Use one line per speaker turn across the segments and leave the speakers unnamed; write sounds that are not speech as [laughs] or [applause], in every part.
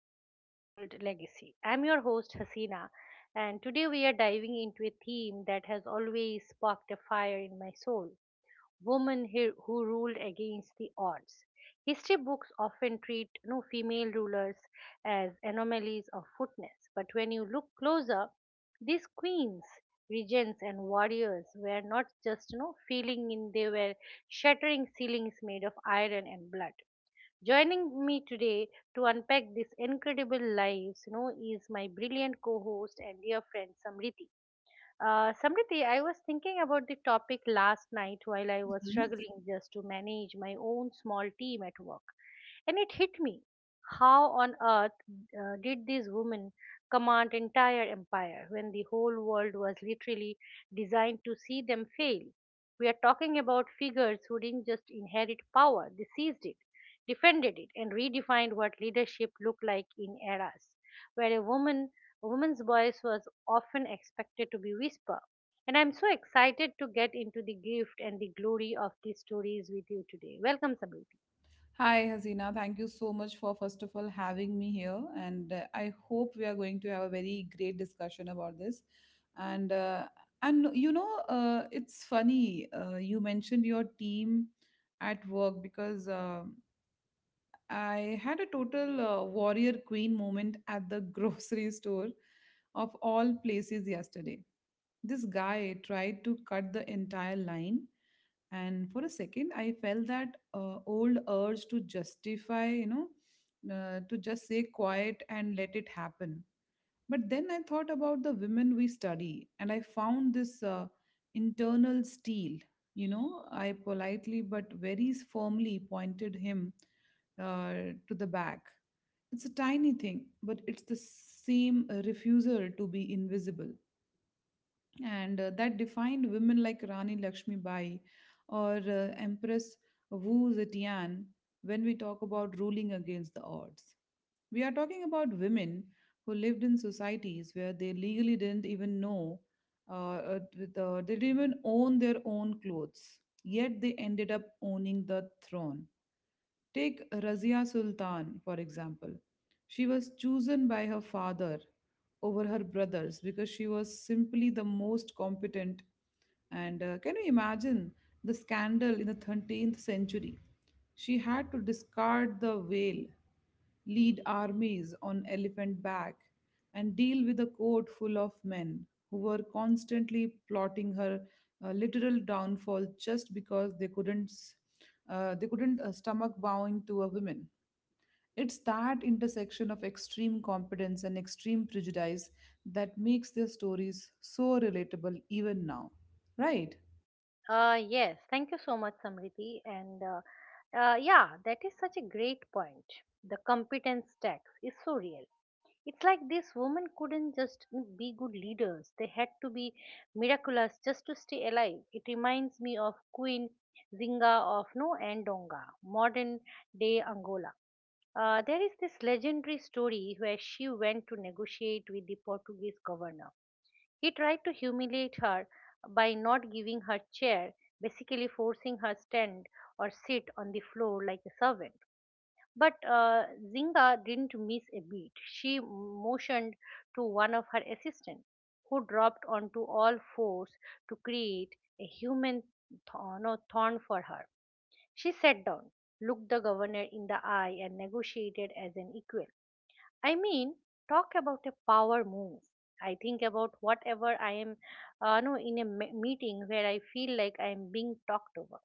of Untold Legacy. I'm your host Hasina, and today we are diving into a theme that has always sparked a fire in my soul women who ruled against the odds. History books often treat no female rulers as anomalies of footness, but when you look closer, these queens, regents, and warriors were not just no feeling in; they were shattering ceilings made of iron and blood. Joining me today to unpack this incredible lives is my brilliant co-host and dear friend Samriti. Samriti, I was thinking about the topic last night while I was
Mhm.
struggling just to manage my own small team at work. And it hit me. How on earth did these women command entire empire when the whole world was literally designed to see them fail? We are talking about figures who didn't just inherit power, they seized it, defended it, and redefined what leadership looked like in eras where a woman's voice was often expected to be whisper. And I'm so excited to get into the gift and the glory of these stories with you today. Welcome, Samriti.
Hi, Hasina. Thank you so much for, first of all, having me here. And I hope we are going to have a very great discussion about this. And, uh, it's funny, you mentioned your team at work because I had a total warrior queen moment at the [laughs] grocery store of all places yesterday. This guy tried to cut the entire line, and for a second, I felt that old urge to justify, to just say quiet and let it happen. But then I thought about the women we study, and I found this internal steel. You know, I politely but very firmly pointed him to the back. It's a tiny thing, but it's the same refusal to be invisible and that defined women like Rani Lakshmi Bai or Empress Wu Zetian when we talk about ruling against the odds. We are talking about women who lived in societies where they legally didn't even know, they didn't even own their own clothes, yet they ended up owning the throne. Take Razia Sultan, for example. She was chosen by her father over her brothers because she was simply the most competent. And can you imagine the scandal in the 13th century? She had to discard the veil, lead armies on elephant back, and deal with a court full of men who were constantly plotting her literal downfall just because they couldn't stomach bowing to a woman. It's that intersection of extreme competence and extreme prejudice that makes their stories so relatable even now, right?
Yes, thank you so much, Samriti. And yeah, that is such a great point. The competence tax is so real. It's like these women couldn't just be good leaders, they had to be miraculous just to stay alive. It reminds me of Queen Zinga of No Ndonga, modern day Angola. There is this legendary story where she went to negotiate with the Portuguese governor. He tried to humiliate her by not giving her chair, basically forcing her stand or sit on the floor like a servant. But Zinga didn't miss a beat. She motioned to one of her assistants, who dropped onto all fours to create a human thorn, no, thorn for her. She sat down, looked the governor in the eye, and negotiated as an equal. I mean, talk about a power move. I think about whatever I am, no, in a meeting where I feel like I am being talked over.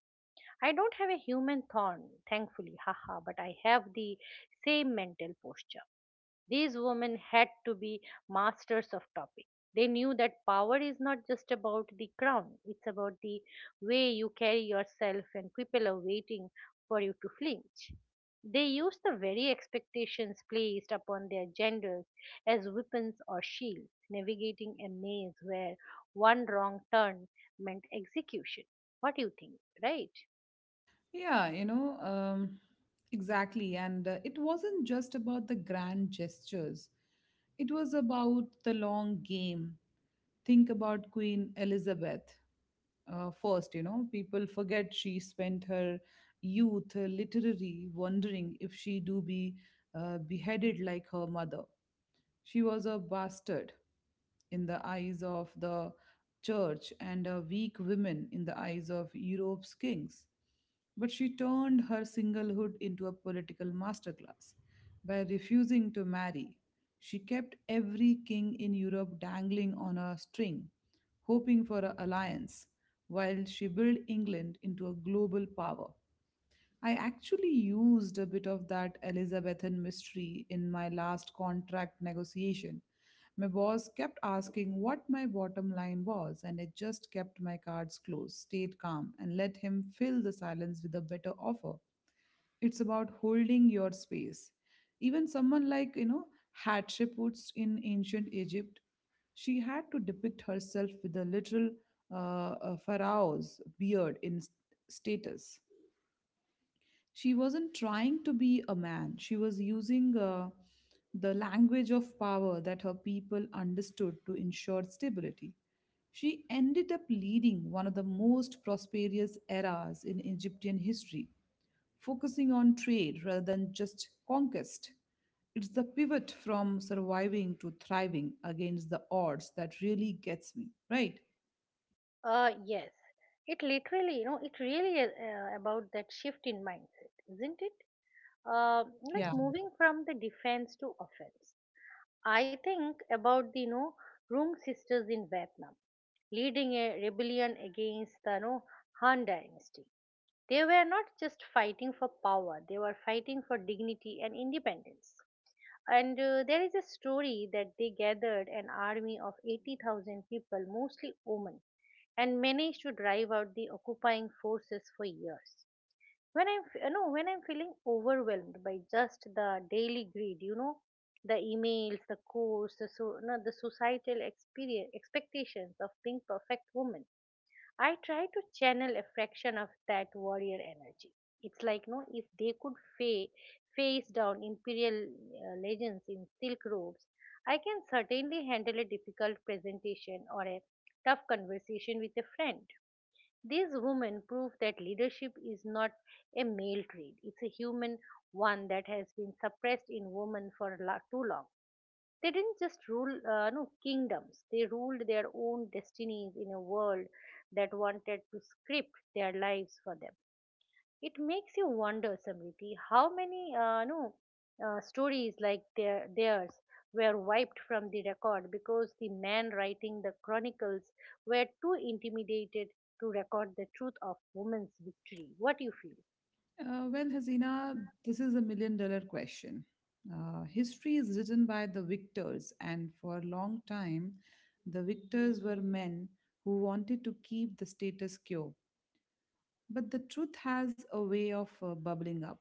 I don't have a human thorn, thankfully, [laughs] haha, but I have the same mental posture. These women had to be masters of topic. They knew that power is not just about the crown, it's about the way you carry yourself, and people are waiting for you to flinch. They used the very expectations placed upon their genders as weapons or shields, navigating a maze where one wrong turn meant execution. What do you think, right?
Yeah, you know, exactly. And it wasn't just about the grand gestures, it was about the long game. Think about Queen Elizabeth first, you know, people forget she spent her youth literally wondering if she do be beheaded like her mother. She was a bastard in the eyes of the church and a weak woman in the eyes of Europe's kings. But she turned her singlehood into a political masterclass by refusing to marry. She kept every king in Europe dangling on a string, hoping for an alliance, while she built England into a global power. I actually used a bit of that Elizabethan mystery in my last contract negotiation. My boss kept asking what my bottom line was, and I just kept my cards close, stayed calm, and let him fill the silence with a better offer. It's about holding your space. Even someone like, you know, Hatshepsut in ancient Egypt, she had to depict herself with a literal pharaoh's beard in status. She wasn't trying to be a man. She was using the language of power that her people understood to ensure stability. She ended up leading one of the most prosperous eras in Egyptian history, focusing on trade rather than just conquest. It's the pivot from.
Yes, it literally, you know, it really is about that shift in mindset, isn't it? Uh, like moving from the defense to offense. I think about the Rung sisters in Vietnam, leading a rebellion against the Han dynasty. They were not just fighting for power; they were fighting for dignity and independence. And there is a story that they gathered an army of 80,000 people, mostly women, and managed to drive out the occupying forces for years. When I'm, f- you know, when I'm feeling overwhelmed by just the daily greed, you know, the emails, the course, the, so, no, the societal experience, expectations of being perfect women, I try to channel a fraction of that warrior energy. It's like, no, if they could face down imperial legends in silk robes, I can certainly handle a difficult presentation or a tough conversation with a friend. These women prove that leadership is not a male trait, it's a human one that has been suppressed in women for too long. They didn't just rule no kingdoms; they ruled their own destinies in a world that wanted to script their lives for them. It makes you wonder, Samriti, how many no stories like theirs were wiped from the record because the men writing the chronicles were too intimidated to record the truth of women's victory. What do you feel?
Well, Hazina, this is a million dollar question. History is written by the victors, and for a long time, the victors were men who wanted to keep the status quo. But the truth has a way of bubbling up.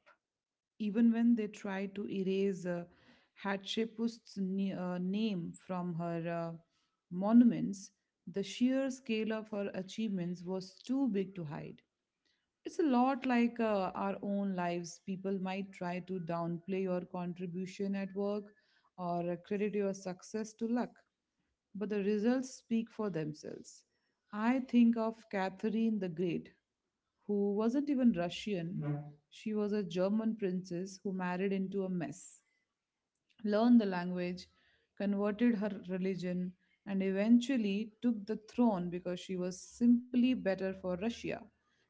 Even when they try to erase Hatshepsut's name from her monuments, the sheer scale of her achievements was too big to hide. It's a lot like our own lives. People might try to downplay your contribution at work or credit your success to luck, but the results speak for themselves. I think of Catherine the Great, who wasn't even Russian. She was a German princess who married into a mess, learned the language, converted her religion, and eventually took the throne because she was simply better for Russia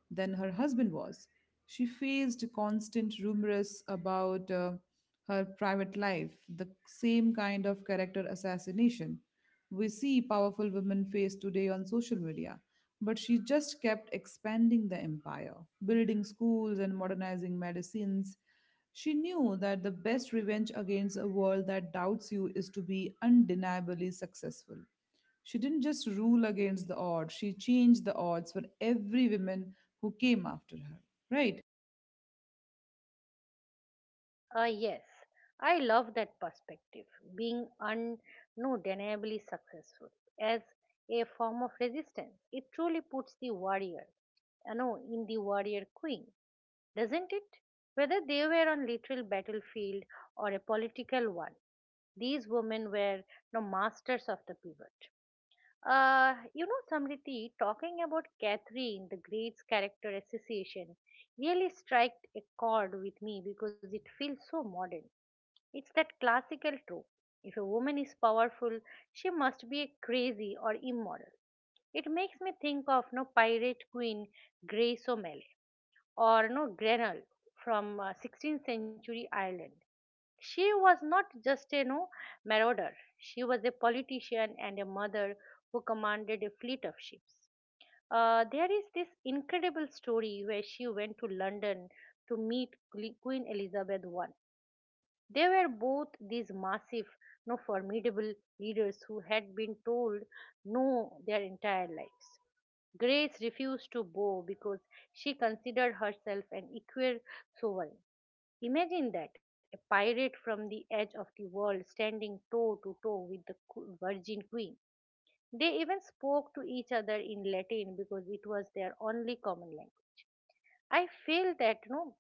than her husband was. She faced constant rumors about her private life, the same kind of character assassination we see powerful women face today on social media. But she just kept expanding the empire, building schools and modernizing medicines. She knew that the best revenge against a world that doubts you is to be undeniably successful. She didn't just rule against the odds, she changed the odds for every woman who came after her. Right?
Yes, I love that perspective. Being undeniably successful as a form of resistance, it truly puts the warrior, you know, in the warrior queen, doesn't it? Whether they were on literal battlefield or a political one, these women were the masters of the pivot. Samriti, talking about Catherine, the Great's character association, really struck a chord with me because it feels so modern. It's that classical trope. If a woman is powerful, she must be crazy or immoral. It makes me think of no pirate queen Grace O'Malley or no Grenell from 16th century Ireland. She was not just a no marauder. She was a politician and a mother who commanded a fleet of ships. There is this incredible story where she went to London to meet Queen Elizabeth I. They were both these massive, no formidable leaders who had been told no their entire lives. Grace refused to bow because she considered herself an equal sovereign. Imagine that a pirate from the edge of the world standing toe to toe with the Virgin Queen. They even spoke to each other in Latin because it was their only common language. I feel that no,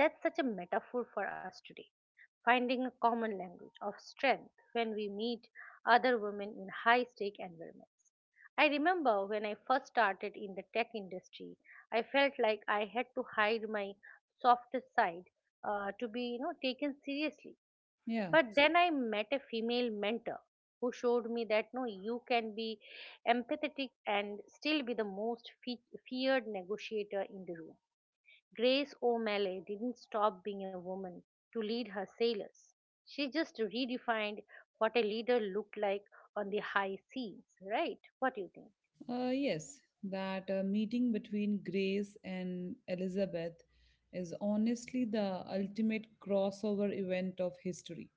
that's such a metaphor for us today finding a common language of strength when we meet other women in high stake environments. I remember when I first started in the tech industry, I felt like I had to hide my softest side to be you know taken seriously.
Yeah.
But then I met a female mentor who showed me that no you can be empathetic and still be the most feared negotiator in the room. Grace O'Malley didn't stop being a woman to lead her sailors. She just redefined what a leader looked like on the high seas, right? What do you think?
Yes, that meeting between Grace and Elizabeth is honestly the ultimate crossover event of history.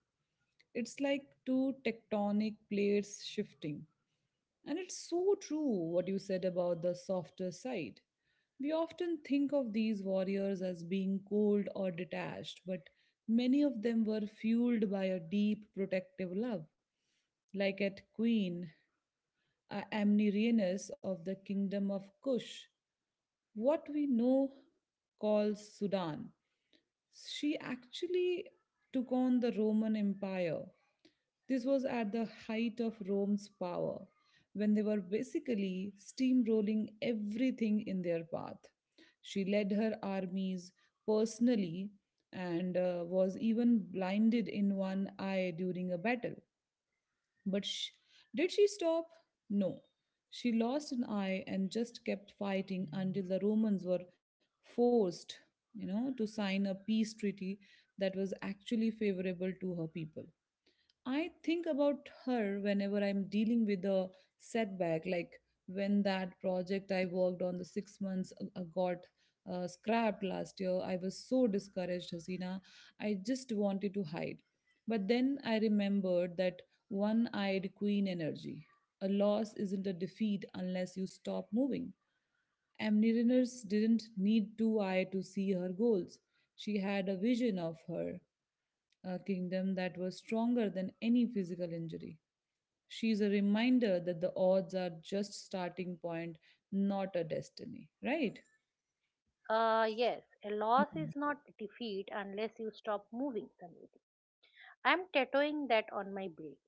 It's like two tectonic plates shifting. And it's so true what you said about the softer side. We often think of these warriors as being cold or detached, but many of them were fueled by a deep protective love, like at Queen Amnirinus of the Kingdom of Kush, what we know call Sudan. She actually took on the Roman Empire. This was at the height of Rome's power, when they were basically steamrolling everything in their path. She led her armies personally and was even blinded in one eye during a battle. But did she stop? No. She lost an eye and just kept fighting until the Romans were forced, you know, to sign a peace treaty that was actually favorable to her people. I think about her whenever I'm dealing with a setback, like when that project I worked on the 6 months got scrapped last year. I was so discouraged, Hasina. I just wanted to hide. But then I remembered that one eyed queen energy. A loss isn't a defeat unless you stop moving. Amniriners didn't need two eyes to see her goals. She had a vision of her, a kingdom that was stronger than any physical injury. She is a reminder that the odds are just starting point, not a destiny, right?
Yes, a loss is not defeat unless you stop moving, Samriti. I'm tattooing that on my brain.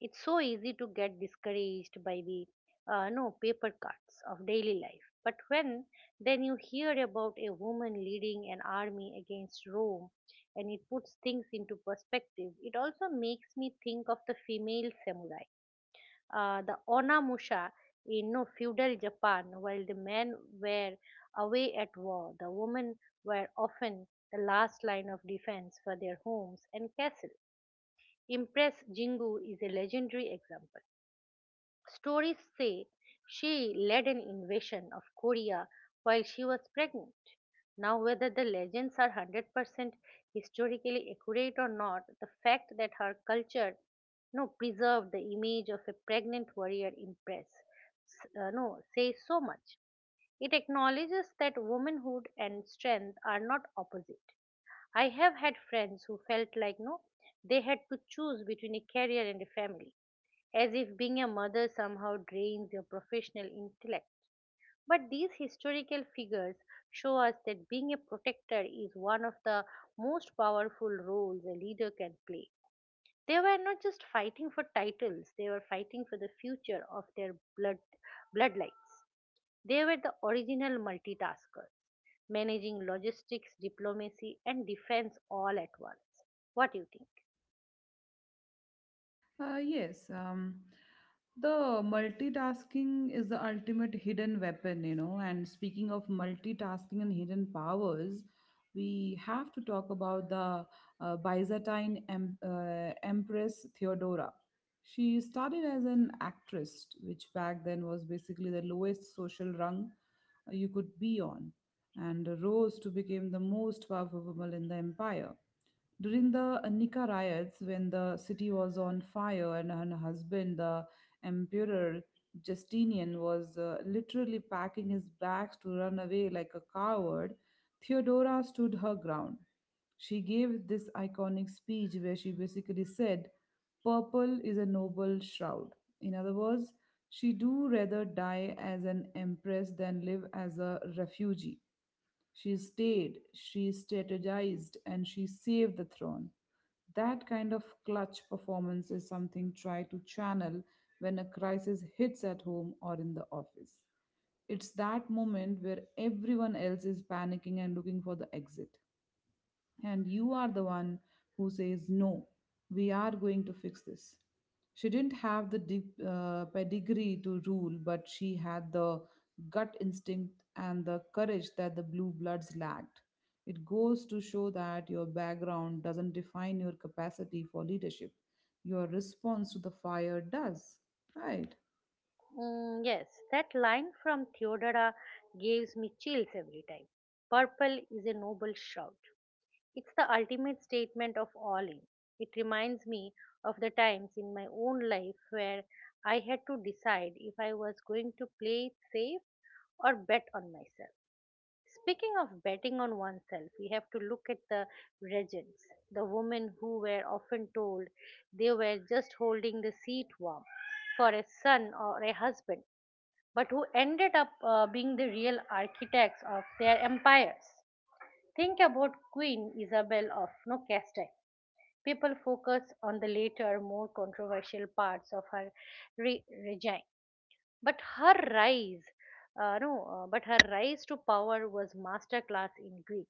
It's so easy to get discouraged by the no paper cuts of daily life. But when then you hear about a woman leading an army against Rome and it puts things into perspective, it also makes me think of the female samurai. The Onamusha in no feudal Japan, while the men were away at war, the women were often the last line of defense for their homes and castles. Impress Jingu is a legendary example. Stories say she led an invasion of Korea while she was pregnant. Now, whether the legends are 100% historically accurate or not, the fact that her culture no, preserved the image of a pregnant warrior in press no, says so much. It acknowledges that womanhood and strength are not opposite. I have had friends who felt like no, they had to choose between a career and a family as if being a mother somehow drains your professional intellect. But these historical figures show us that being a protector is one of the most powerful roles a leader can play. They were not just fighting for titles, they were fighting for the future of their bloodlines. They were the original multitaskers, managing logistics, diplomacy, and defense all at once. What do you think?
Yes, the multitasking is the ultimate hidden weapon, you know. And speaking of multitasking and hidden powers, we have to talk about the Byzantine Empress Theodora. She started as an actress, which back then was basically the lowest social rung you could be on, and rose to become the most powerful woman in the empire. During the Nika riots, when the city was on fire and her husband, the Emperor Justinian, was literally packing his bags to run away like a coward, Theodora stood her ground. She gave this iconic speech where she basically said, Purple is a noble shroud. In other words, she do rather die as an empress than live as a refugee. She stayed, she strategized, and she saved the throne. That kind of clutch performance is something try to channel when a crisis hits at home or in the office. It's that moment where everyone else is panicking and looking for the exit. And you are the one who says, No, we are going to fix this. She didn't have the deep, pedigree to rule, but she had the gut instinct and the courage that the blue bloods lacked. It goes to show that your background doesn't define your capacity for leadership, your response to the fire does. Right.
Mm, yes, that line from Theodora gives me chills every time. Purple is a noble shroud. It's the ultimate statement of all in. It reminds me of the times in my own life where I had to decide if I was going to play it safe or bet on myself. Speaking of betting on oneself, we have to look at the regents, the women who were often told they were just holding the seat warm for a son or a husband but who ended up being the real architects of their empires. Think about Queen Isabel of no Castile. People focus on the later, more controversial parts of her regime, but her rise, no, but her rise to power was masterclass in Greek.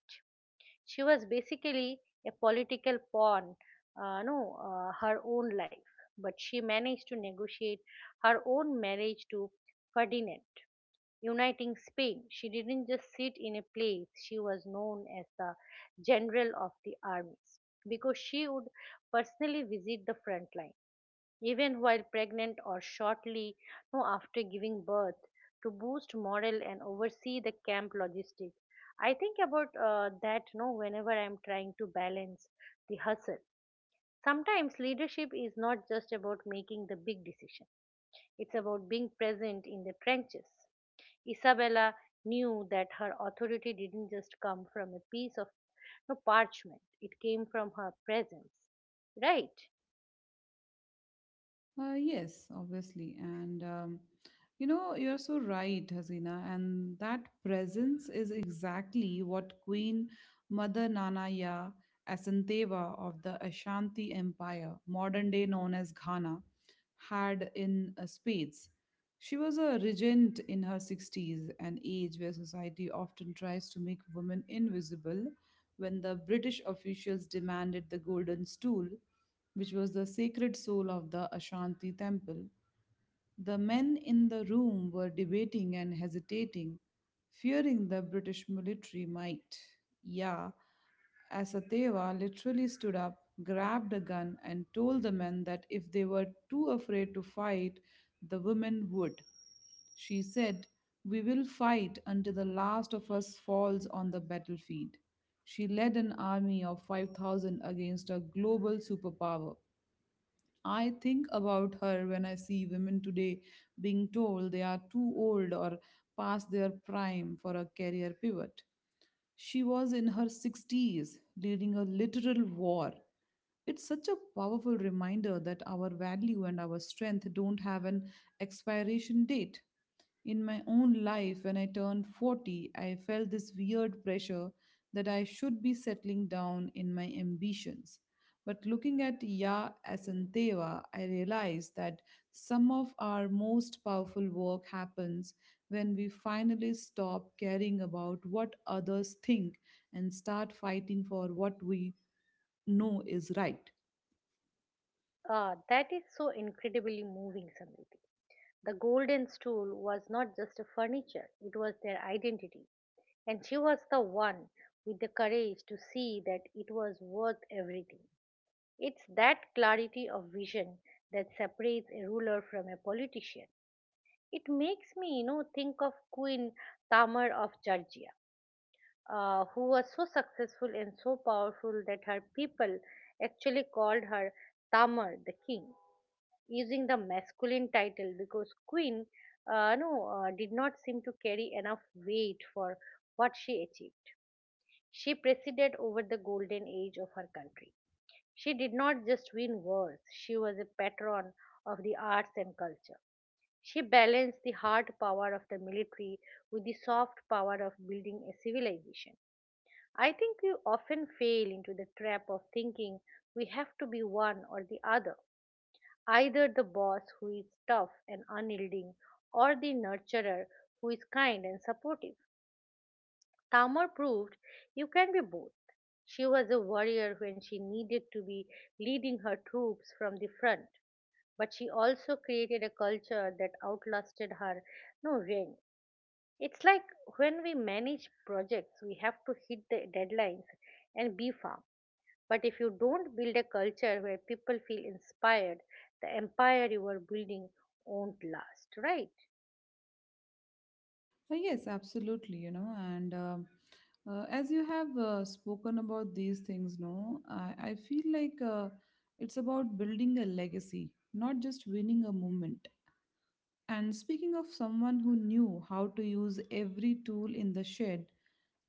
She was basically a political pawn, no, her own life, but she managed to negotiate her own marriage to Ferdinand uniting Spain. She didn't just sit in a place, she was known as the general of the armies because she would personally visit the front line, even while pregnant or shortly no, after giving birth, to boost morale and oversee the camp logistics. I think about that no, whenever I'm trying to balance the hustle. Sometimes leadership is not just about making the big decision. It's about being present in the trenches. Isabella knew that her authority didn't just come from a piece of no, parchment, it came from her presence. Right.
Yes, obviously. And you know, you're so right, Hasina. And that presence is exactly what Queen Mother Nanaya Asanteva of the Ashanti Empire, modern day known as Ghana, had in spades. She was a regent in her 60s, an age where society often tries to make women invisible when the British officials demanded the golden stool, which was the sacred soul of the Ashanti temple. The men in the room were debating and hesitating, fearing the British military might. Yeah, Asateva literally stood up, grabbed a gun, and told the men that if they were too afraid to fight, the women would. She said, We will fight until the last of us falls on the battlefield. She led an army of 5,000 against a global superpower. I think about her when I see women today being told they are too old or past their prime for a career pivot. She was in her 60s, leading a literal war. It's such a powerful reminder that our value and our strength don't have an expiration date. In my own life, when I turned 40, I felt this weird pressure that I should be settling down in my ambitions. But looking at Ya Asanteva, I realized that some of our most powerful work happens when we finally stop caring about what others think and start fighting for what we know is right.
Ah, that is so incredibly moving, Samriti. The golden stool was not just a furniture, it was their identity. And she was the one with the courage to see that it was worth everything. It's that clarity of vision that separates a ruler from a politician. It makes me, think of Queen Tamar of Georgia, who was so successful and so powerful that her people actually called her Tamar the King, using the masculine title because Queen, no, did not seem to carry enough weight for what she achieved. She presided over the golden age of her country. She did not just win wars; she was a patron of the arts and culture. She balanced the hard power of the military with the soft power of building a civilization. I think we often fail into the trap of thinking we have to be one or the other, either the boss who is tough and unyielding or the nurturer who is kind and supportive. Tamar proved you can be both. She was a warrior when she needed to be leading her troops from the front, but she also created a culture that outlasted her no reign. It's like when we manage projects, we have to hit the deadlines and be firm. But if you don't build a culture where people feel inspired, the empire you are building won't last, right?
Yes, absolutely, you know, and as you have spoken about these things, no, I feel like it's about building a legacy, not just winning a moment. And speaking of someone who knew how to use every tool in the shed,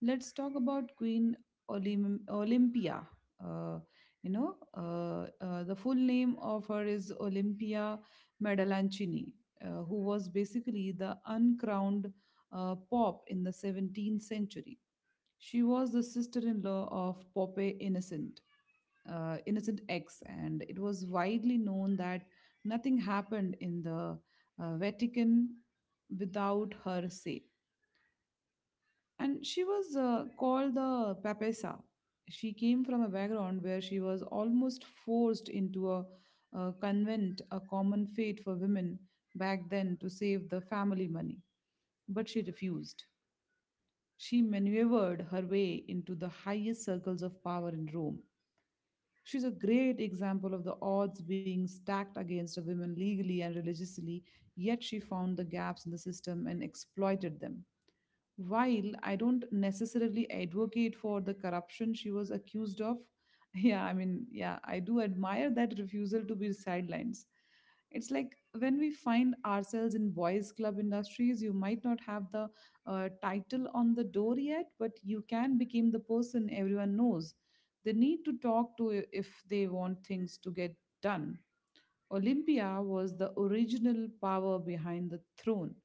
let's talk about Queen Olympia. Uh, the full name of her is Olympia Medalanchini, who was basically the uncrowned pop in the 17th century. She was the sister in law of Pope Innocent, innocent eggs, and it was widely known that nothing happened in the Vatican without her say. And she was called the Papessa. She came from a background where she was almost forced into a convent, a common fate for women back then to save the family money, but she refused. She maneuvered her way into the highest circles of power in Rome. She's a great example of the odds being stacked against a woman legally and religiously, yet she found the gaps in the system and exploited them. While I don't necessarily advocate for the corruption she was accused of, [laughs] yeah, I mean, yeah, I do admire that refusal to be sidelines. It's like when we find ourselves in boys' club industries, you might not have the title on the door yet, but you can become the person everyone knows. They need to talk to if they want things to get done. Olympia was the original power behind the throne,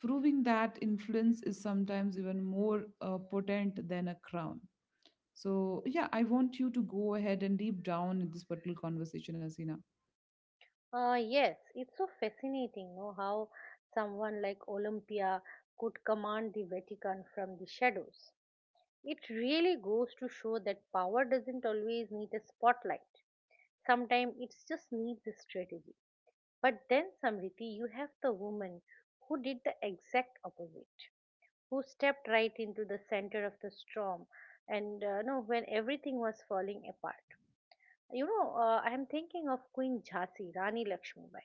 proving that influence is sometimes even more potent than a crown. So, yeah, I want you to go ahead and deep down in this particular conversation, Asina.
Yes, it's so fascinating, no, how someone like Olympia could command the Vatican from the shadows. It really goes to show that power doesn't always need a spotlight. Sometimes it just needs a strategy. But then, Samriti, you have the woman who did the exact opposite, who stepped right into the center of the storm, and no, when everything was falling apart. I am thinking of Queen Jhansi, Rani Lakshmibai.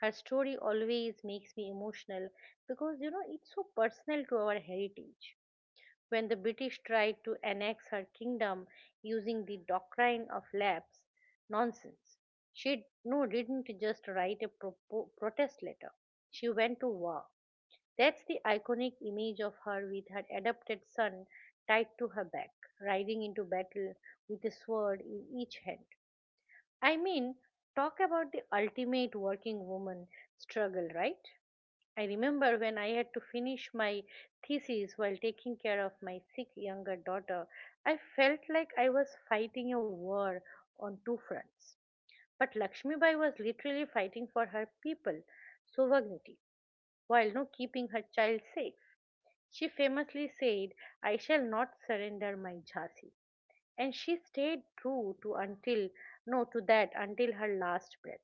Her story always makes me emotional because it's so personal to our heritage when the British tried to annex her kingdom using the doctrine of lapse nonsense. She didn't just write a protest letter. She went to war. That's the iconic image of her with her adopted son tied to her back, riding into battle with a sword in each hand. I mean, talk about the ultimate working woman struggle, right? I remember when I had to finish my thesis while taking care of my sick younger daughter, I felt like I was fighting a war on two fronts. But Lakshmibai was literally fighting for her people, sovereignty, while no keeping her child safe. She famously said, I shall not surrender my Jhansi. And she stayed true to until no to that until her last breath.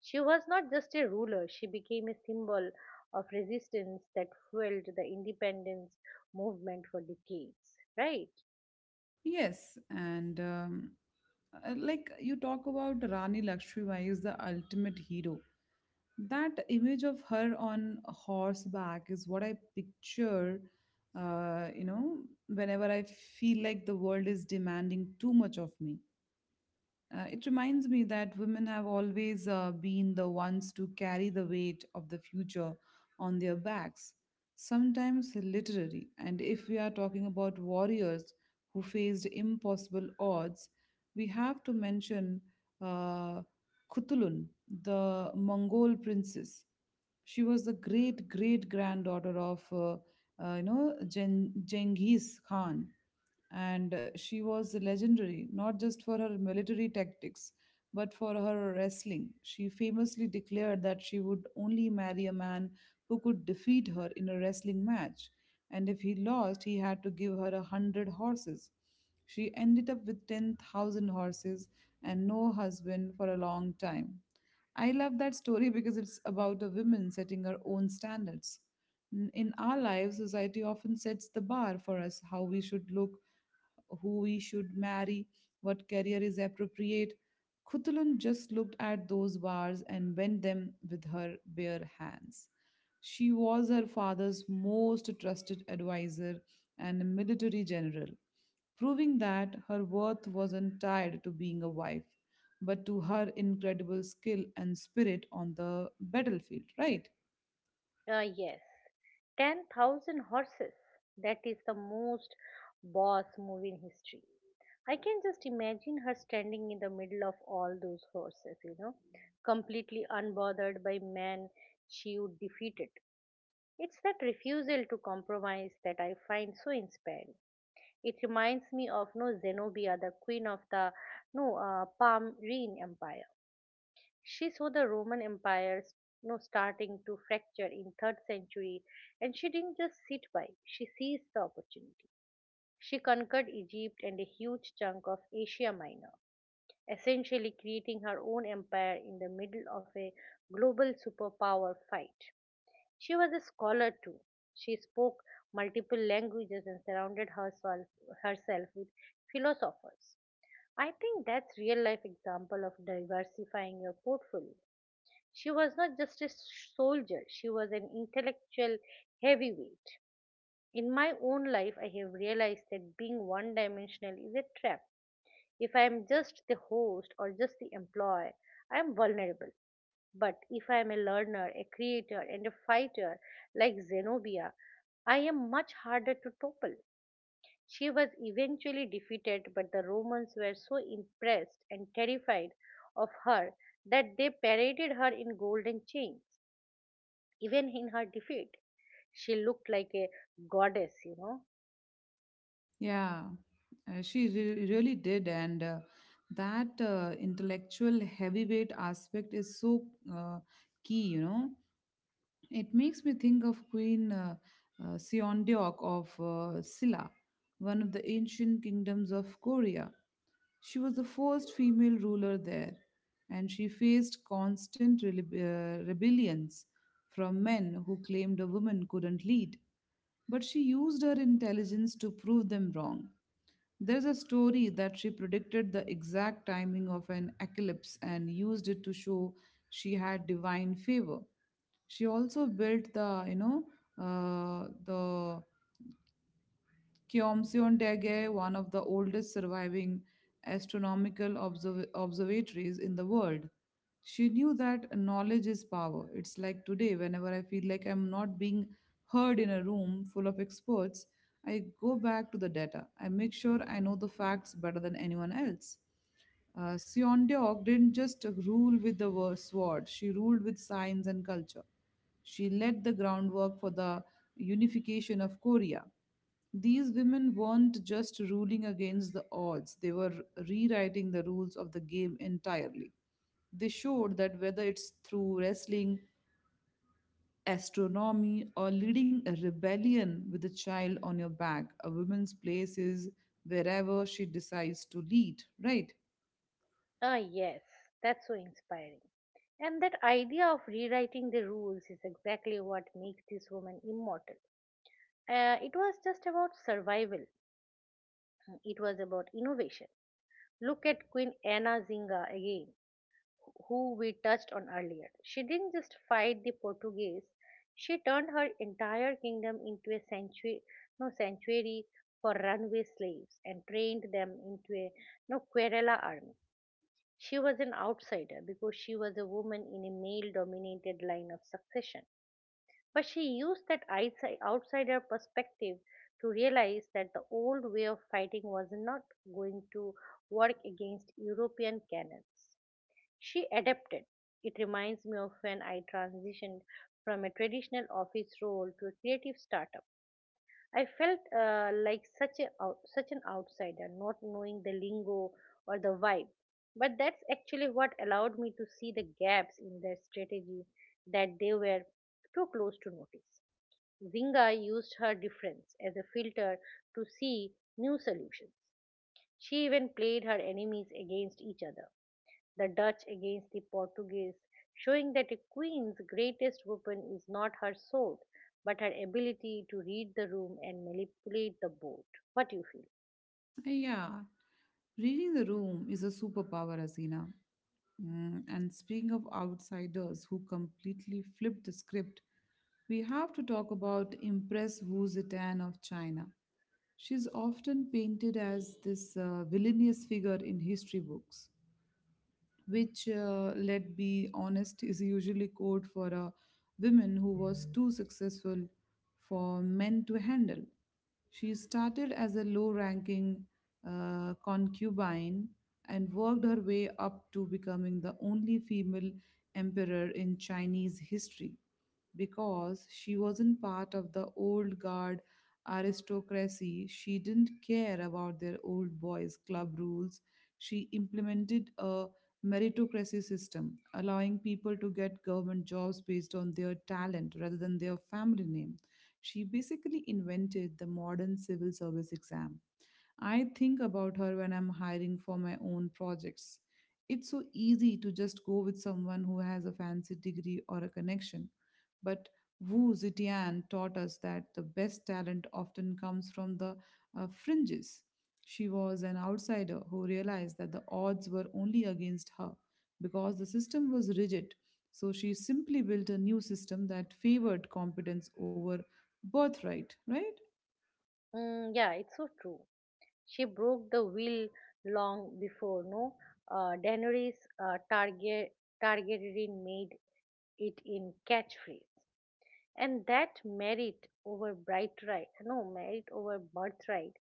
She was not just a ruler, she became a symbol of resistance that fueled the independence movement for decades, right?
Yes, and like you talk about, Rani Lakshmibai is the ultimate hero. That image of her on horseback is what I picture, uh, you know, whenever I feel like the world is demanding too much of me. It reminds me that women have always been the ones to carry the weight of the future on their backs, sometimes literally. And if we are talking about warriors who faced impossible odds, we have to mention uh, Kutulun, the Mongol princess. She was the great great granddaughter of Genghis Khan, and she was legendary not just for her military tactics but for her wrestling. She famously declared that she would only marry a man who could defeat her in a wrestling match, and if he lost, he had to give her 100 horses. She ended up with 10,000 horses and no husband for a long time. I love that story because it's about a woman setting her own standards. In our lives, society often sets the bar for us: how we should look, who we should marry, what career is appropriate. Khutulun just looked at those bars and bent them with her bare hands. She was her father's most trusted advisor and a military general, proving that her worth wasn't tied to being a wife, but to her incredible skill and spirit on the battlefield, right?
Yes. 10,000 horses. That is the most boss move in history. I can just imagine her standing in the middle of all those horses, completely unbothered by men she would defeat it. It's that refusal to compromise that I find so inspiring. It reminds me of no Zenobia, the queen of the no Palmyrene Empire. She saw the Roman Empire no starting to fracture in third century, and she didn't just sit by. She seized the opportunity. She conquered Egypt and a huge chunk of Asia Minor, essentially creating her own empire in the middle of a global superpower fight. She was a scholar too. She spoke multiple languages and surrounded herself with philosophers. I think that's real life example of diversifying your portfolio. She was not just a soldier, she was an intellectual heavyweight. In my own life, I have realized that being one dimensional is a trap. If I am just the host or just the employee, I am vulnerable. But if I am a learner, a creator, and a fighter like Zenobia, I am much harder to topple. She was eventually defeated, but the Romans were so impressed and terrified of her that they paraded her in golden chains, even in her defeat. She looked like a goddess.
Yeah, really did. And that intellectual heavyweight aspect is so uh, key, you know. It makes me think of Queen Seondeok of Silla, one of the ancient kingdoms of Korea. She was the first female ruler there, and she faced constant rebellions from men who claimed a woman couldn't lead. But she used her intelligence to prove them wrong. There's a story that she predicted the exact timing of an eclipse and used it to show she had divine favor. She also built the Kyomsyon Daegye, one of the oldest surviving astronomical observatories in the world. She knew that knowledge is power. It's like today, whenever I feel like I'm not being heard in a room full of experts, I go back to the data. I make sure I know the facts better than anyone else. Seondeok didn't just rule with the sword, she ruled with science and culture. She laid the groundwork for the unification of Korea. These women weren't just ruling against the odds, they were rewriting the rules of the game entirely. They showed that whether it's through wrestling, astronomy, or leading a rebellion with a child on your back, a woman's place is wherever she decides to lead, right?
Ah, yes, that's so inspiring. And that idea of rewriting the rules is exactly what makes this woman immortal. It was just about survival. Mm, It was about innovation. Look at Queen Anna Zinga again, who we touched on earlier. She didn't just fight the Portuguese, she turned her entire kingdom into a sanctuary, no sanctuary for runaway slaves and trained them into a no Querela army. She was an outsider because she was a woman in a male dominated line of succession. But she used that outsider perspective to realize that the old way of fighting was not going to work against European cannons. She adapted. It reminds me of when I transitioned from a traditional office role to a creative startup. I felt like such an outsider, not knowing the lingo or the vibe. But that's actually what allowed me to see the gaps in their strategy that they were too close to notice. Zinga used her difference as a filter to see new solutions. She even played her enemies against each other, the Dutch against the Portuguese, showing that a queen's greatest weapon is not her sword, but her ability to read the room and manipulate the board. What do you feel?
Yeah, reading the room is a superpower, Asina. Mm, and speaking of outsiders who completely flipped the script, we have to talk about Impress Wu Zetian of China. She's often painted as this villainous figure in history books, which, let be honest, is usually code for a woman who was too successful for men to handle. She started as a low ranking concubine and worked her way up to becoming the only female emperor in Chinese history, because she wasn't part of the old guard aristocracy. She didn't care about their old boys' club rules. She implemented a meritocracy system, allowing people to get government jobs based on their talent rather than their family name. She basically invented the modern civil service exam. I think about her when I'm hiring for my own projects. It's so easy to just go with someone who has a fancy degree or a connection. But Wu Zetian taught us that the best talent often comes from the fringes. She was an outsider who realized that the odds were only against her because the system was rigid. So she simply built a new system that favored competence over birthright, right?
Mm, yeah, it's so true. She broke the will long before, no? Daenerys, uh, Targa- Targaryen made it in catchphrase. And that merit over birthright, no merit over birthright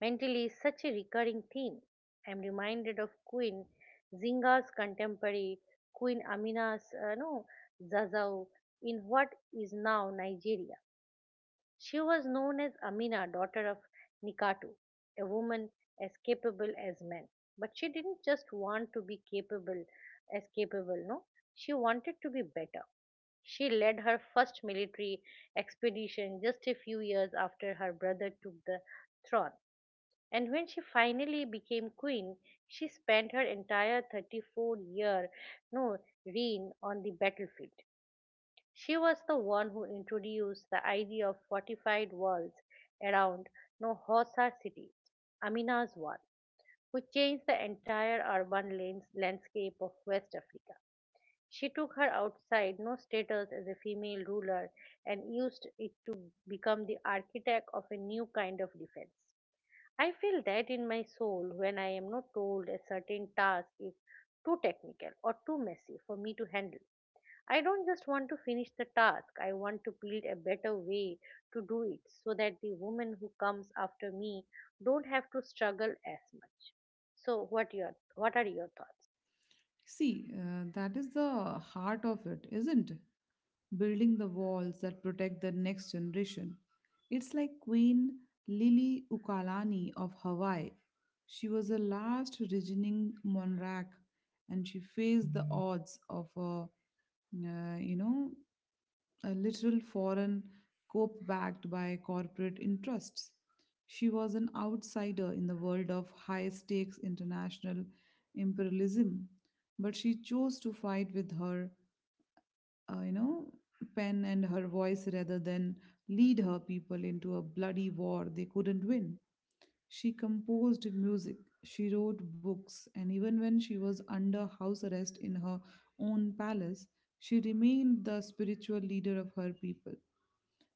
mentally is such a recurring theme. I'm reminded of Queen Zinga's contemporary, Queen Amina's no Zazao in what is now Nigeria. She was known as Amina, daughter of Nikatu, a woman as capable as men, but she didn't just want to be capable, as capable no she wanted to be better. She led her first military expedition just a few years after her brother took the throne. And when she finally became queen, she spent her entire 34-year no reign on the battlefield. She was the one who introduced the idea of fortified walls around no Hosa city, Amina's wall, who changed the entire urban landscape of West Africa. She took her outside, no status as a female ruler, and used it to become the architect of a new kind of defense. I feel that in my soul when I am not told a certain task is too technical or too messy for me to handle. I don't just want to finish the task, I want to build a better way to do it so that the woman who comes after me don't have to struggle as much. So what are your thoughts?
See, that is the heart of it, isn't it? Building the walls that protect the next generation. It's like Queen Lili Ukalani of Hawaii. She was the last reigning monarch, and she faced the odds of uh, you know, a literal foreign cope backed by corporate interests. She was an outsider in the world of high stakes international imperialism, but she chose to fight with her, uh, you know, pen and her voice rather than lead her people into a bloody war they couldn't win. She composed music, she wrote books, and even when she was under house arrest in her own palace, she remained the spiritual leader of her people.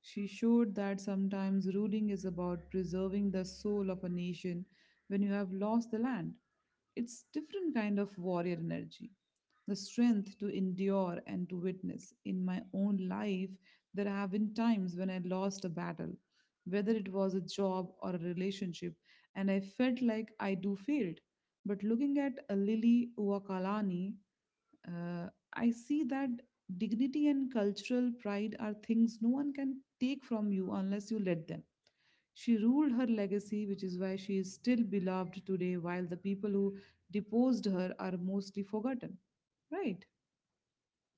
She showed that sometimes ruling is about preserving the soul of a nation when you have lost the land. It's different kind of warrior energy. The strength to endure and to witness. In my own life, there have been times when I lost a battle, whether it was a job or a relationship, and I felt like I do failed. But looking at a Lily Uwakalani, uh, I see that dignity and cultural pride are things no one can take from you unless you let them. She ruled her legacy, which is why she is still beloved today, while the people who deposed her are mostly forgotten. Right?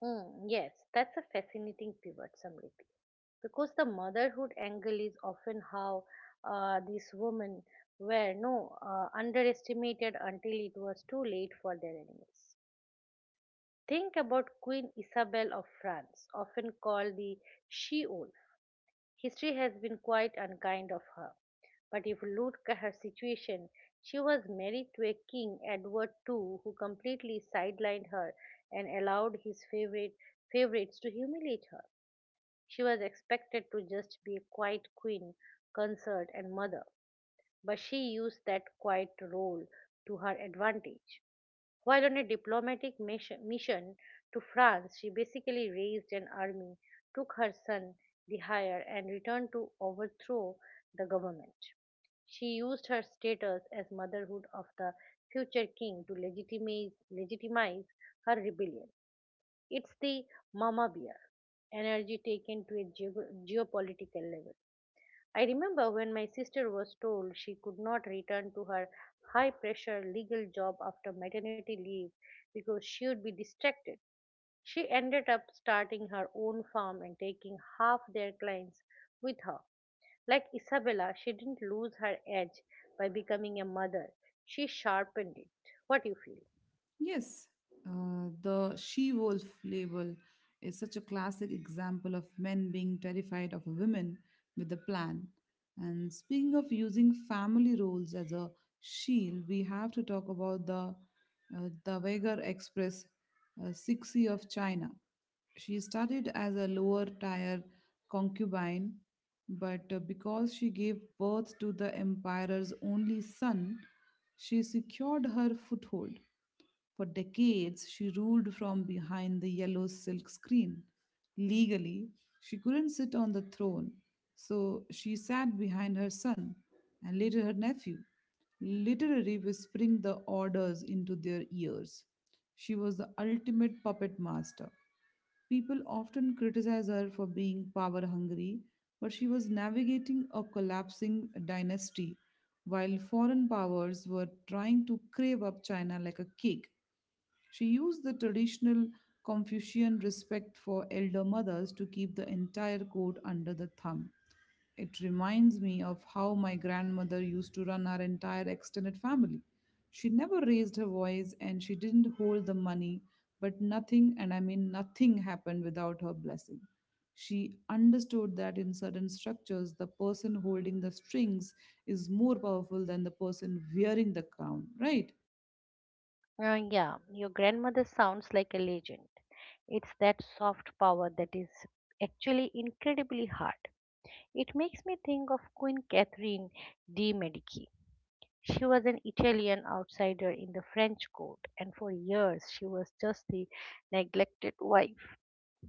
Hmm, yes, that's a fascinating pivot, Samriti, because the motherhood angle is often how these women were no underestimated until it was too late for their enemies. Think about Queen Isabel of France, often called the she wolf. History has been quite unkind of her, but if you look at her situation, she was married to a king, Edward II, who completely sidelined her and allowed his favorites to humiliate her. She was expected to just be a quiet queen, consort, and mother, but she used that quiet role to her advantage. While on a diplomatic mission to France, she basically raised an army, took her son Dihyer, and returned to overthrow the government. She used her status as motherhood of the future king to legitimize her rebellion. It's the mama bear energy taken to a geopolitical level. I remember when my sister was told she could not return to her high pressure legal job after maternity leave because she would be distracted. She ended up starting her own farm and taking half their clients with her. Like Isabella, she didn't lose her edge by becoming a mother, she sharpened it. What do you feel?
Yes, the she wolf label is such a classic example of men being terrified of women with a plan. And speaking of using family roles as a shield, we have to talk about the Weiger Express Cixi of China. She started as a lower tier concubine, but because she gave birth to the emperor's only son, she secured her foothold. For decades, she ruled from behind the yellow silk screen. Legally, she couldn't sit on the throne, so she sat behind her son and later her nephew, literally whispering the orders into their ears. She was the ultimate puppet master. People often criticize her for being power hungry, but she was navigating a collapsing dynasty while foreign powers were trying to crave up China like a cake. She used the traditional Confucian respect for elder mothers to keep the entire court under the thumb. It reminds me of how my grandmother used to run our entire extended family. She never raised her voice and she didn't hold the money, but nothing, and I mean nothing, happened without her blessing. She understood that in certain structures, the person holding the strings is more powerful than the person wearing the crown, right?
Yeah, your grandmother sounds like a legend. It's that soft power that is actually incredibly hard. It makes me think of Queen Catherine de' Medici. She was an Italian outsider in the French court, and for years she was just the neglected wife.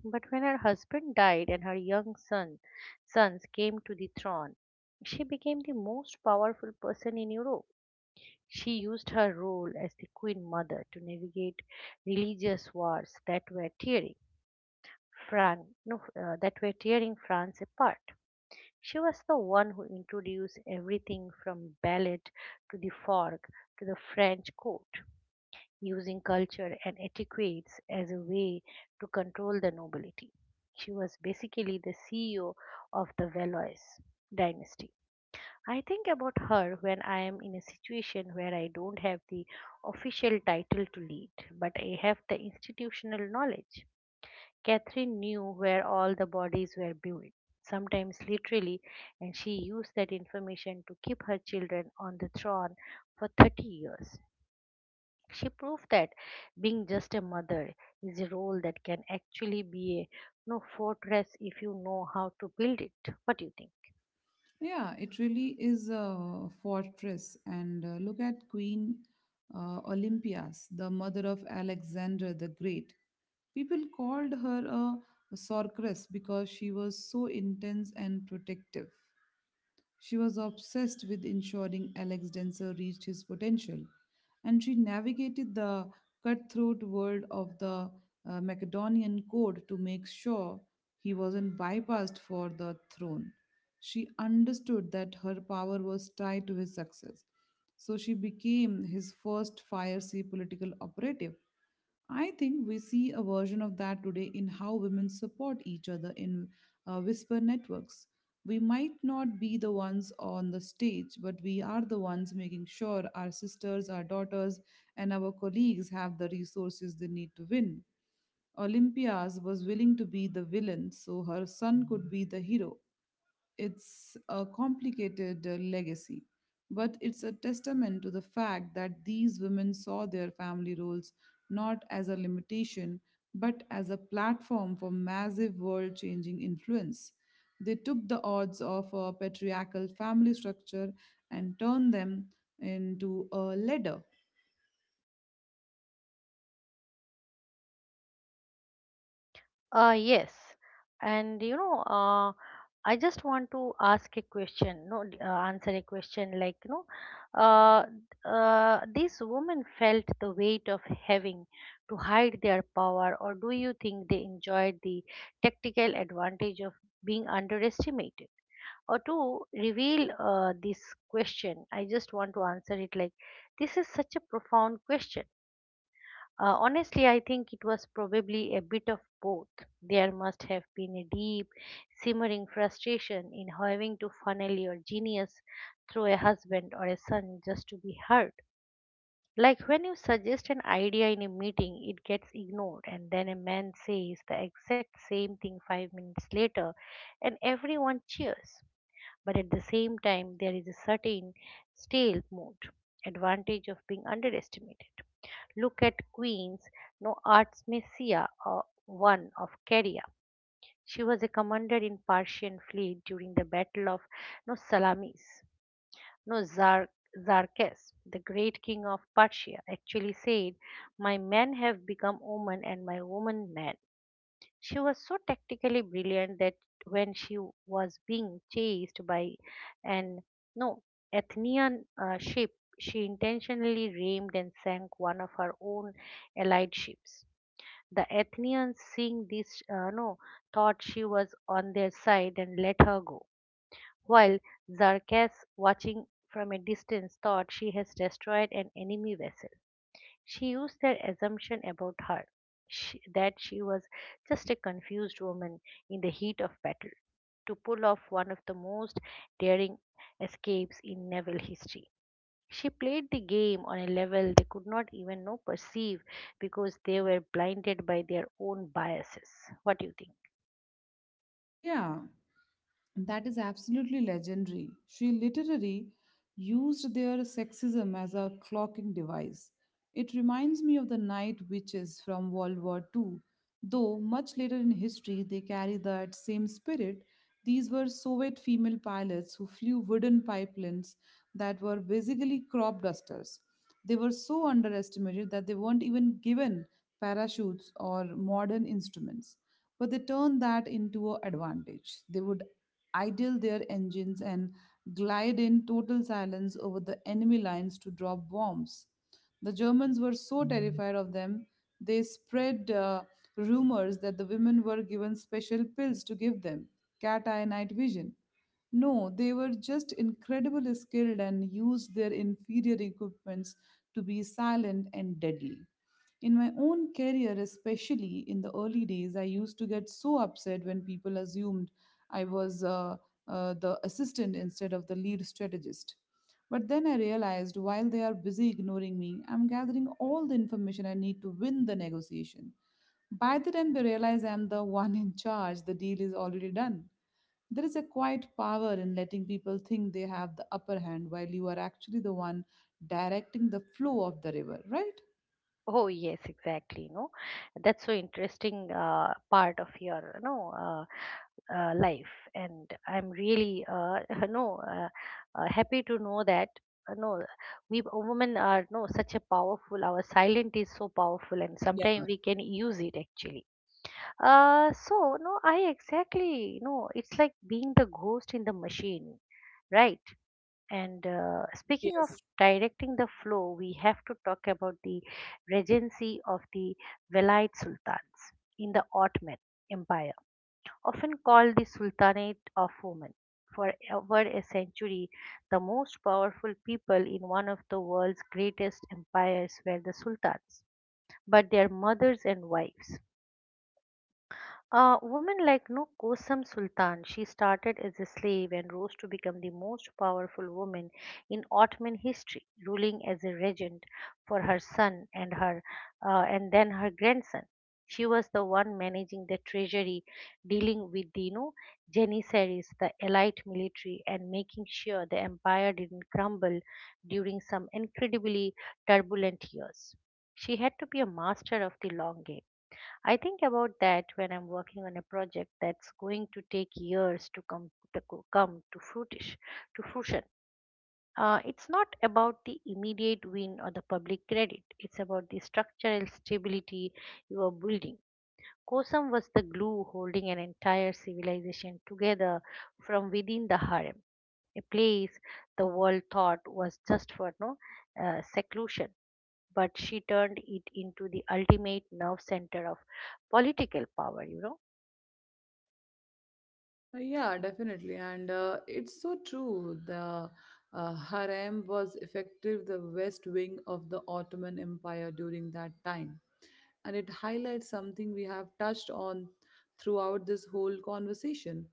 But when her husband died and her young sons came to the throne, she became the most powerful person in Europe. She used her role as the Queen Mother to navigate religious wars that were tearing Fran- no, that were tearing France apart. She was the one who introduced everything from ballet to the fork to the French court, using culture and etiquettes as a way to control the nobility. She was basically the CEO of the Valois dynasty. I think about her when I am in a situation where I don't have the official title to lead, but I have the institutional knowledge. Catherine knew where all the bodies were buried, sometimes literally, and she used that information to keep her children on the throne for 30 years. She proved that being just a mother is a role that can actually be a no fortress if you know how to build it. What do you think?
Yeah, it really is a fortress. And look at Queen Olympias, the mother of Alexander the Great. People called her a sorceress because she was so intense and protective. She was obsessed with ensuring Alex Denser reached his potential, and she navigated the cutthroat world of the Macedonian code to make sure he wasn't bypassed for the throne. She understood that her power was tied to his success, so she became his first fiery political operative. I think we see a version of that today in how women support each other in whisper networks. We might not be the ones on the stage, but we are the ones making sure our sisters, our daughters, and our colleagues have the resources they need to win. Olympias was willing to be the villain so her son could be the hero. It's a complicated legacy, but it's a testament to the fact that these women saw their family roles not as a limitation, but as a platform for massive world changing influence. They took the odds of a patriarchal family structure and turned them into a ladder.
Yes. And I just want to ask a question, no, d- answer a question, uh, these women felt the weight of having to hide their power, or do you think they enjoyed the tactical advantage of being underestimated? Or to reveal this question, I just want to answer it like, This is such a profound question. Honestly, I think it was probably a bit of both. There must have been a deep, simmering frustration in having to funnel your genius through a husband or a son just to be heard. Like, when you suggest an idea in a meeting, it gets ignored, and then a man says the exact same thing 5 minutes later, and everyone cheers. But at the same time, there is a certain stale mood, advantage of being underestimated. Look at Queens, no arts messia, one of Caria. She was a commander in Persian fleet during the Battle of no Salamis. No Zar- Zarkes, the great king of Persia, actually said, "My men have become women, and my women men." She was so tactically brilliant that when she was being chased by an no Athenian ship, she intentionally rammed and sank one of her own allied ships. The Athenians, seeing this, no, thought she was on their side and let her go, while Zarkas, watching from a distance, thought she has destroyed an enemy vessel. She used their assumption about her, that she was just a confused woman in the heat of battle to pull off one of the most daring escapes in naval history. She played the game on a level they could not even know perceive because they were blinded by their own biases. What do you think?
Yeah, that is absolutely legendary. She literally used their sexism as a clocking device. It reminds me of the night witches from World War II, though much later in history they carry that same spirit. These were Soviet female pilots who flew wooden pipelines that were basically crop dusters. They were so underestimated that they weren't even given parachutes or modern instruments, but they turned that into an advantage. They would idle their engines and glide in total silence over the enemy lines to drop bombs. The Germans were so terrified of them, they spread rumors that the women were given special pills to give them cat eye night vision. No, they were just incredibly skilled and used their inferior equipments to be silent and deadly. In my own career, especially in the early days, I used to get so upset when people assumed I was the assistant instead of the lead strategist. But then I realized while they are busy ignoring me, I'm gathering all the information I need to win the negotiation. By the time they realize I'm the one in charge, the deal is already done. There is a quiet power in letting people think they have the upper hand while you are actually the one directing the flow of the river, right?
Oh yes, exactly. No, That's so interesting part of your no life, and I'm really [laughs] no happy to know that uh, no we women are no such a powerful, our silent is so powerful, and
Yeah,
sometimes we can use it actually. I exactly, no it's like being the ghost in the machine, right? And speaking of
yes.
directing the flow, we have to talk about the regency of the Velite sultans in the Ottoman Empire, often called the Sultanate of Women. For over a century, the most powerful people in one of the world's greatest empires were the sultans, but their mothers and wives. A woman like no Kosam Sultan, she started as a slave and rose to become the most powerful woman in Ottoman history, ruling as a regent for her son and her and then her grandson. She was the one managing the treasury, dealing with the Janissaries, the elite military, and making sure the empire didn't crumble during some incredibly turbulent years. She had to be a master of the long game. I think about that when I'm working on a project that's going to take years to come to co- come to fruitish to fruition. It's not about the immediate win or the public credit. It's about the structural stability you are building. Kosam was the glue holding an entire civilization together from within the harem, a place the world thought was just for no seclusion, but she turned it into the ultimate nerve center of political power, you know.
Yeah, definitely. And it's so true. The harem was effective the West Wing of the Ottoman Empire during that time, and it highlights something we have touched on throughout this whole conversation.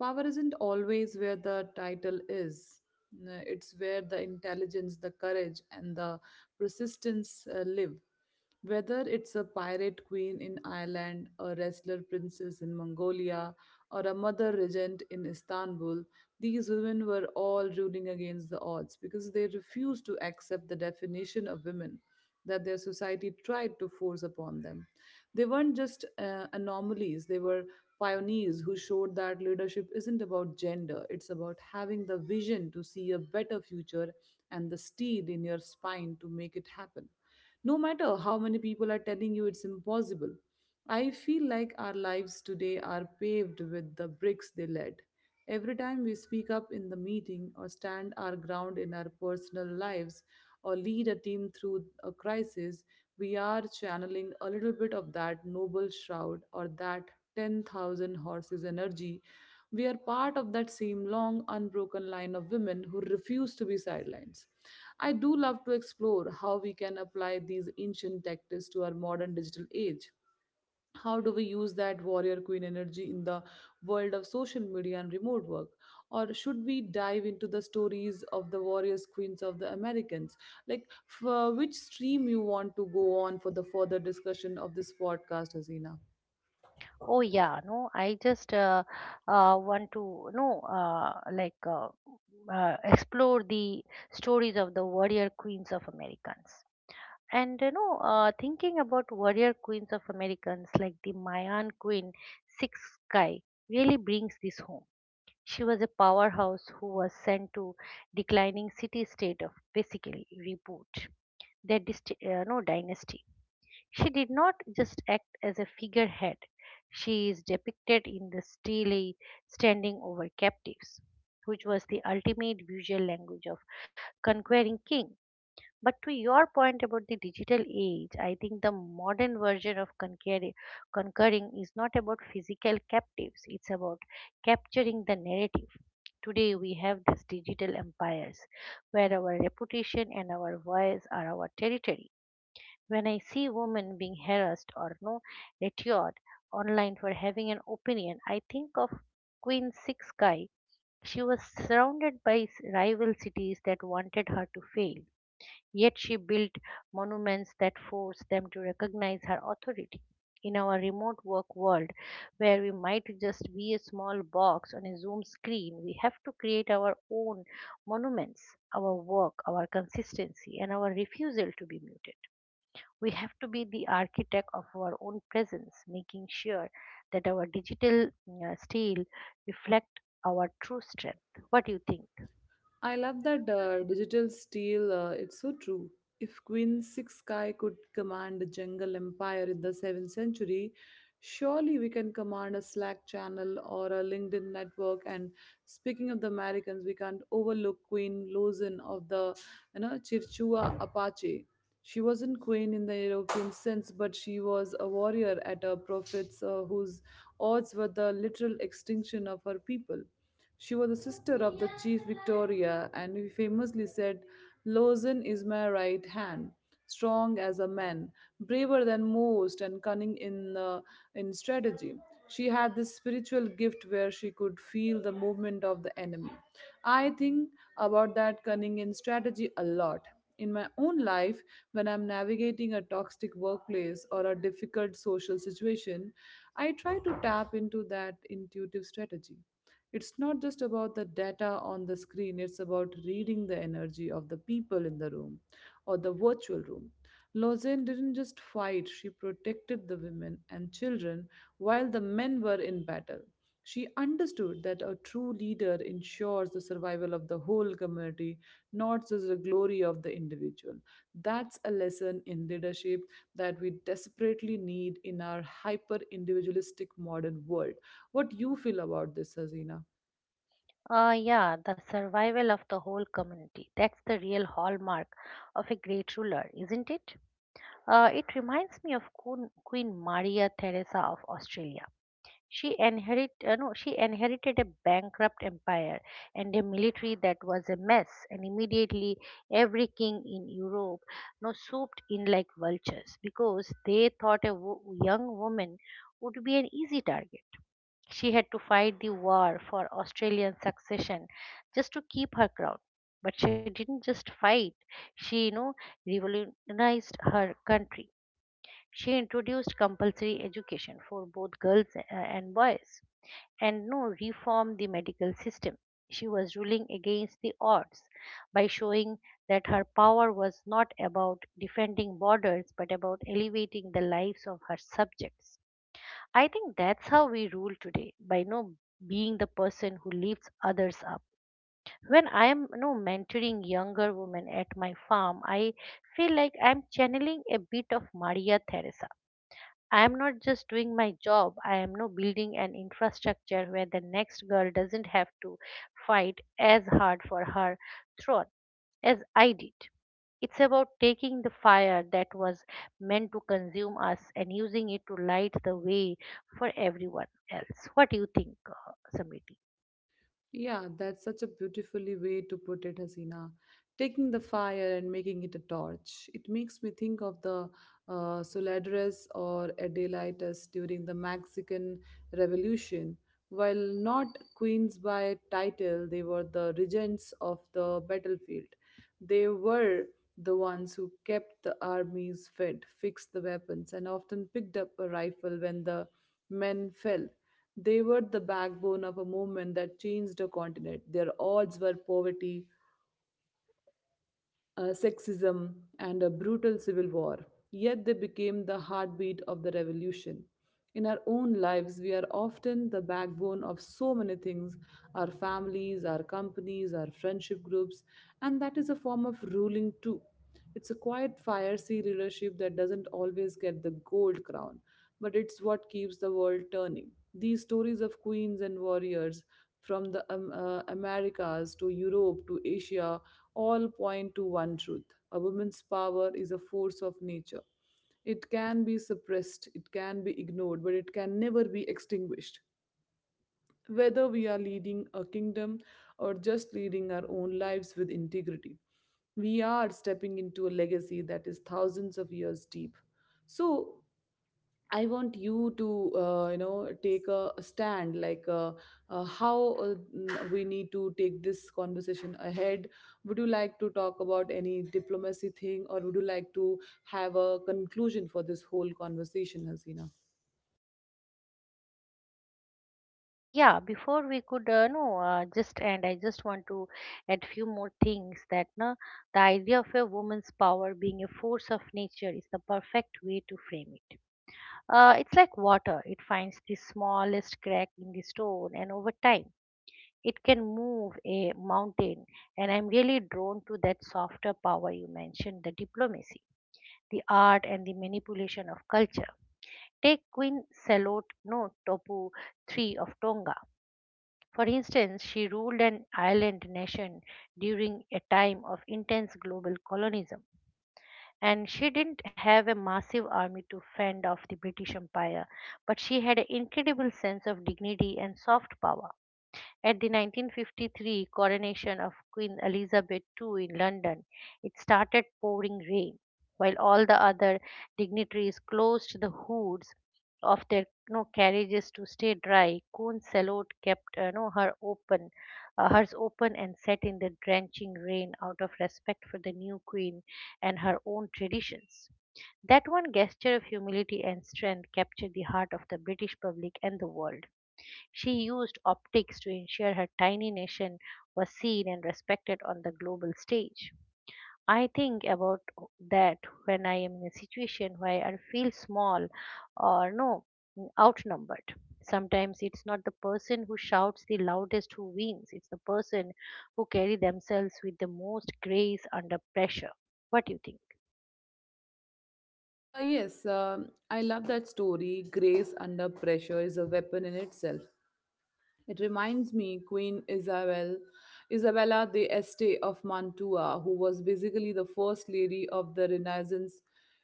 Power isn't always where the title is. It's where the intelligence, the courage, and the persistence live. Whether it's a pirate queen in Ireland, a wrestler princess in Mongolia, or a mother regent in Istanbul, these women were all ruling against the odds because they refused to accept the definition of women that their society tried to force upon them. They weren't just anomalies, they were pioneers who showed that leadership isn't about gender, it's about having the vision to see a better future and the steel in your spine to make it happen no matter how many people are telling you it's impossible. I feel like our lives today are paved with the bricks they led. Every time we speak up in the meeting or stand our ground in our personal lives or lead a team through a crisis, we are channeling a little bit of that noble shroud or that 10,000 horses energy. We are part of that same long, unbroken line of women who refuse to be sidelined. I do love to explore how we can apply these ancient tactics to our modern digital age. How do we use that warrior queen energy in the world of social media and remote work? Or should we dive into the stories of the warriors queens of the Americans? Like, for which stream you want to go on for the further discussion of this podcast, Hasina?
Oh yeah, no I just want to no like explore the stories of the warrior queens of Americans. And thinking about warrior queens of Americans like the Mayan queen Six Sky really brings this home. She was a powerhouse who was sent to declining city state of basically reboot their dynasty. She did not just act as a figurehead. She is depicted in the stele standing over captives, which was the ultimate visual language of conquering king. But to your point about the digital age, I think the modern version of conquering is not about physical captives, it's about capturing the narrative. Today we have these digital empires where our reputation and our voice are our territory. When I see women being harassed or no ridiculed online for having an opinion, I think of Queen Six Guy. She was surrounded by rival cities that wanted her to fail, yet she built monuments that forced them to recognize her authority. In our remote work world, where we might just be a small box on a Zoom screen, we have to create our own monuments, our work, our consistency, and our refusal to be muted. We have to be the architect of our own presence, making sure that our digital style reflect our true strength. What do you think?
I love that digital steel. It's so true. If Queen Sixkai could command a jungle empire in the 7th century, surely we can command a Slack channel or a LinkedIn network. And speaking of the Americans, we can't overlook Queen Lozin of the, you know, Chirchua Apache. She wasn't queen in the European sense, but she was a warrior at her prophets whose odds were the literal extinction of her people. She was the sister of the chief Victoria, and he famously said, Lozen is my right hand, strong as a man, braver than most, and cunning in strategy. She had this spiritual gift where she could feel the movement of the enemy. I think about that cunning in strategy a lot. In my own life, when I'm navigating a toxic workplace or a difficult social situation, I try to tap into that intuitive strategy. It's not just about the data on the screen, it's about reading the energy of the people in the room or the virtual room. Lausanne didn't just fight, she protected the women and children while the men were in battle. She understood that a true leader ensures the survival of the whole community, not just the glory of the individual. That's a lesson in leadership that we desperately need in our hyper individualistic modern world. What you feel about this, Hazina?
Yeah, the survival of the whole community. That's the real hallmark of a great ruler, isn't it? It reminds me of Queen Maria Theresa of Australia. She inherit, no, she inherited a bankrupt empire and a military that was a mess, and immediately every king in Europe no swooped in like vultures because they thought a young woman would be an easy target. She had to fight the war for Australian succession just to keep her crown. But she didn't just fight; she revolutionized her country. She introduced compulsory education for both girls and boys, and no reformed the medical system. She was ruling against the odds by showing that her power was not about defending borders but about elevating the lives of her subjects. I think that's how we rule today, by no being the person who lifts others up. When I am no mentoring younger women at my farm, I feel like I'm channeling a bit of Maria Theresa. I am not just doing my job, I am no building an infrastructure where the next girl doesn't have to fight as hard for her throne as I did. It's about taking the fire that was meant to consume us and using it to light the way for everyone else. What do you think, Samiti?
Yeah, that's such a beautifully way to put it, Hasina. Taking the fire and making it a torch. It makes me think of the Solidaritas or Adelitas during the Mexican Revolution. While not queens by title, they were the regents of the battlefield. They were the ones who kept the armies fed, fixed the weapons, and often picked up a rifle when the men fell. They were the backbone of a movement that changed the continent. Their odds were poverty, sexism, and a brutal civil war, yet they became the heartbeat of the revolution. In our own lives, we are often the backbone of so many things, our families, our companies, our friendship groups, and that is a form of ruling too. It's a quiet, fiery leadership that doesn't always get the gold crown, but it's what keeps the world turning. These stories of queens and warriors from the Americas to Europe to Asia all point to one truth. A woman's power is a force of nature. It can be suppressed, it can be ignored, but it can never be extinguished. Whether we are leading a kingdom or just leading our own lives with integrity, we are stepping into a legacy that is thousands of years deep. So, I want you to, you know, take a stand like we need to take this conversation ahead. Would you like to talk about any diplomacy thing, or would you like to have a conclusion for this whole conversation, Hasina?
Yeah, before we could no just end, I just want to add few more things that na the idea of a woman's power being a force of nature is the perfect way to frame it. It's like water; it finds the smallest crack in the stone, and over time, it can move a mountain. And I'm really drawn to that softer power you mentioned, the diplomacy, the art, and the manipulation of culture. Take Queen Selot no Topu III of Tonga, for instance. She ruled an island nation during a time of intense global colonialism, and she didn't have a massive army to fend off the British Empire, but she had an incredible sense of dignity and soft power. At the 1953 coronation of Queen Elizabeth II in London, it started pouring rain, while all the other dignitaries closed the hoods of their, carriages to stay dry. Queen Charlotte kept hers open and sat in the drenching rain out of respect for the new queen and her own traditions. That one gesture of humility and strength captured the heart of the British public and the world. She used optics to ensure her tiny nation was seen and respected on the global stage. I think about that when I am in a situation where I feel small or outnumbered. Sometimes it's not the person who shouts the loudest who wins, it's the person who carry themselves with the most grace under pressure. What do you think?
Yes, I love that story. Grace under pressure is a weapon in itself. It reminds me Queen Isabella the Este of Mantua, who was basically the first lady of the Renaissance.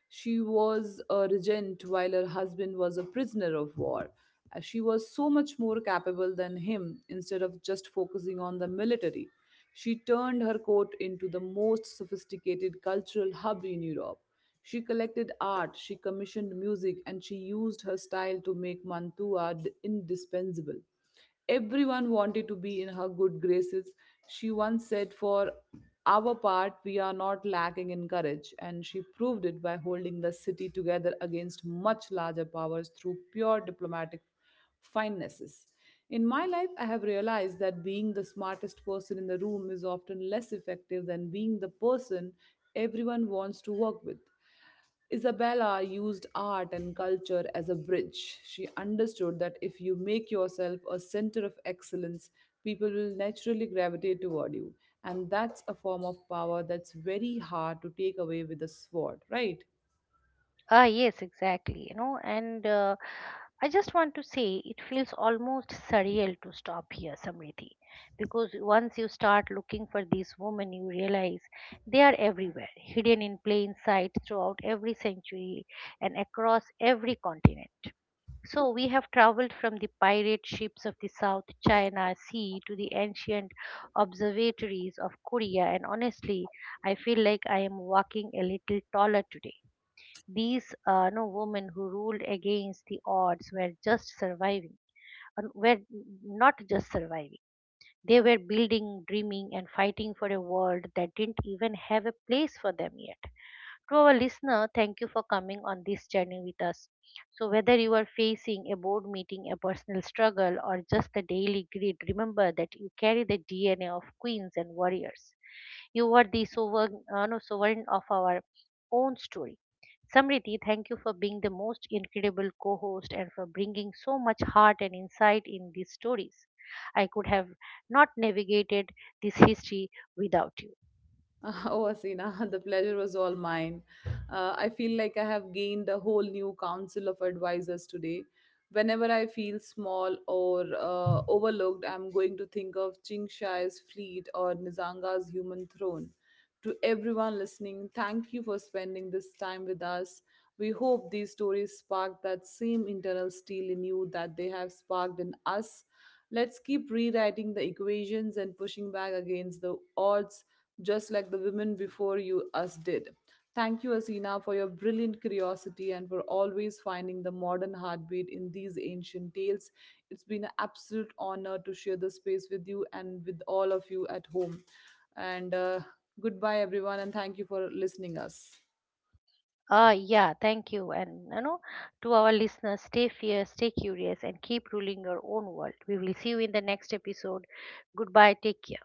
She was a regent while her husband was a prisoner of war. She was so much more capable than him instead of just focusing on the military. She turned her court into the most sophisticated cultural hub in Europe. She collected art, she commissioned music, and she used her style to make indispensable. Everyone wanted to be in her good graces. She once said, For our part, we are not lacking in courage, and she proved it by holding the city together against much larger powers through pure diplomatic finenesses. In my life, I have realized that being the smartest person in the room is often less effective than being the person everyone wants to work with. Isabella used art and culture as a bridge. She understood that if you make yourself a center of excellence, people will naturally gravitate toward you. And that's a form of power that's very hard to take away with a sword, right? [laughs]
Ah, yes, exactly. You know, and I just want to say it feels almost surreal to stop here, Samriti, because once you start looking for these women, you realize they are everywhere, hidden in plain sight throughout every century and across every continent. So we have traveled from the pirate ships of the South China Sea to the ancient observatories of Korea, and honestly, I feel like I am walking a little taller today. These no women who ruled against the odds were not just surviving. They were building, dreaming, and fighting for a world that didn't even have a place for them yet. To our listener, thank you for coming on this journey with us. So whether you are facing a board meeting, a personal struggle, or just the daily grid, remember that you carry the DNA of queens and warriors. You are the sovereign, no, sovereign of our own story. Samriti, thank you for being the most incredible co host and for bringing so much heart and insight in these stories. I could have not navigated this history without you.
Oh, Asina, the pleasure was all mine. I feel like I have gained a whole new council of advisors today. Whenever I feel small or overlooked, I'm going to think of Qing Shi's fleet or Nizanga's human throne. To everyone listening, thank you for spending this time with us. We hope these stories spark that same internal steel in you that they have sparked in us. Let's keep rewriting the equations and pushing back against the odds, just like the women before you us did. Thank you, Asina, for your brilliant curiosity and for always finding the modern heartbeat in these ancient tales. It's been an absolute honor to share the space with you and with all of you at home. And goodbye, everyone, and thank you for listening us.
Ah, yeah, thank you. And you know, to our listeners, stay fierce, stay curious, and keep ruling your own world. We will see you in the next episode. Goodbye, take care.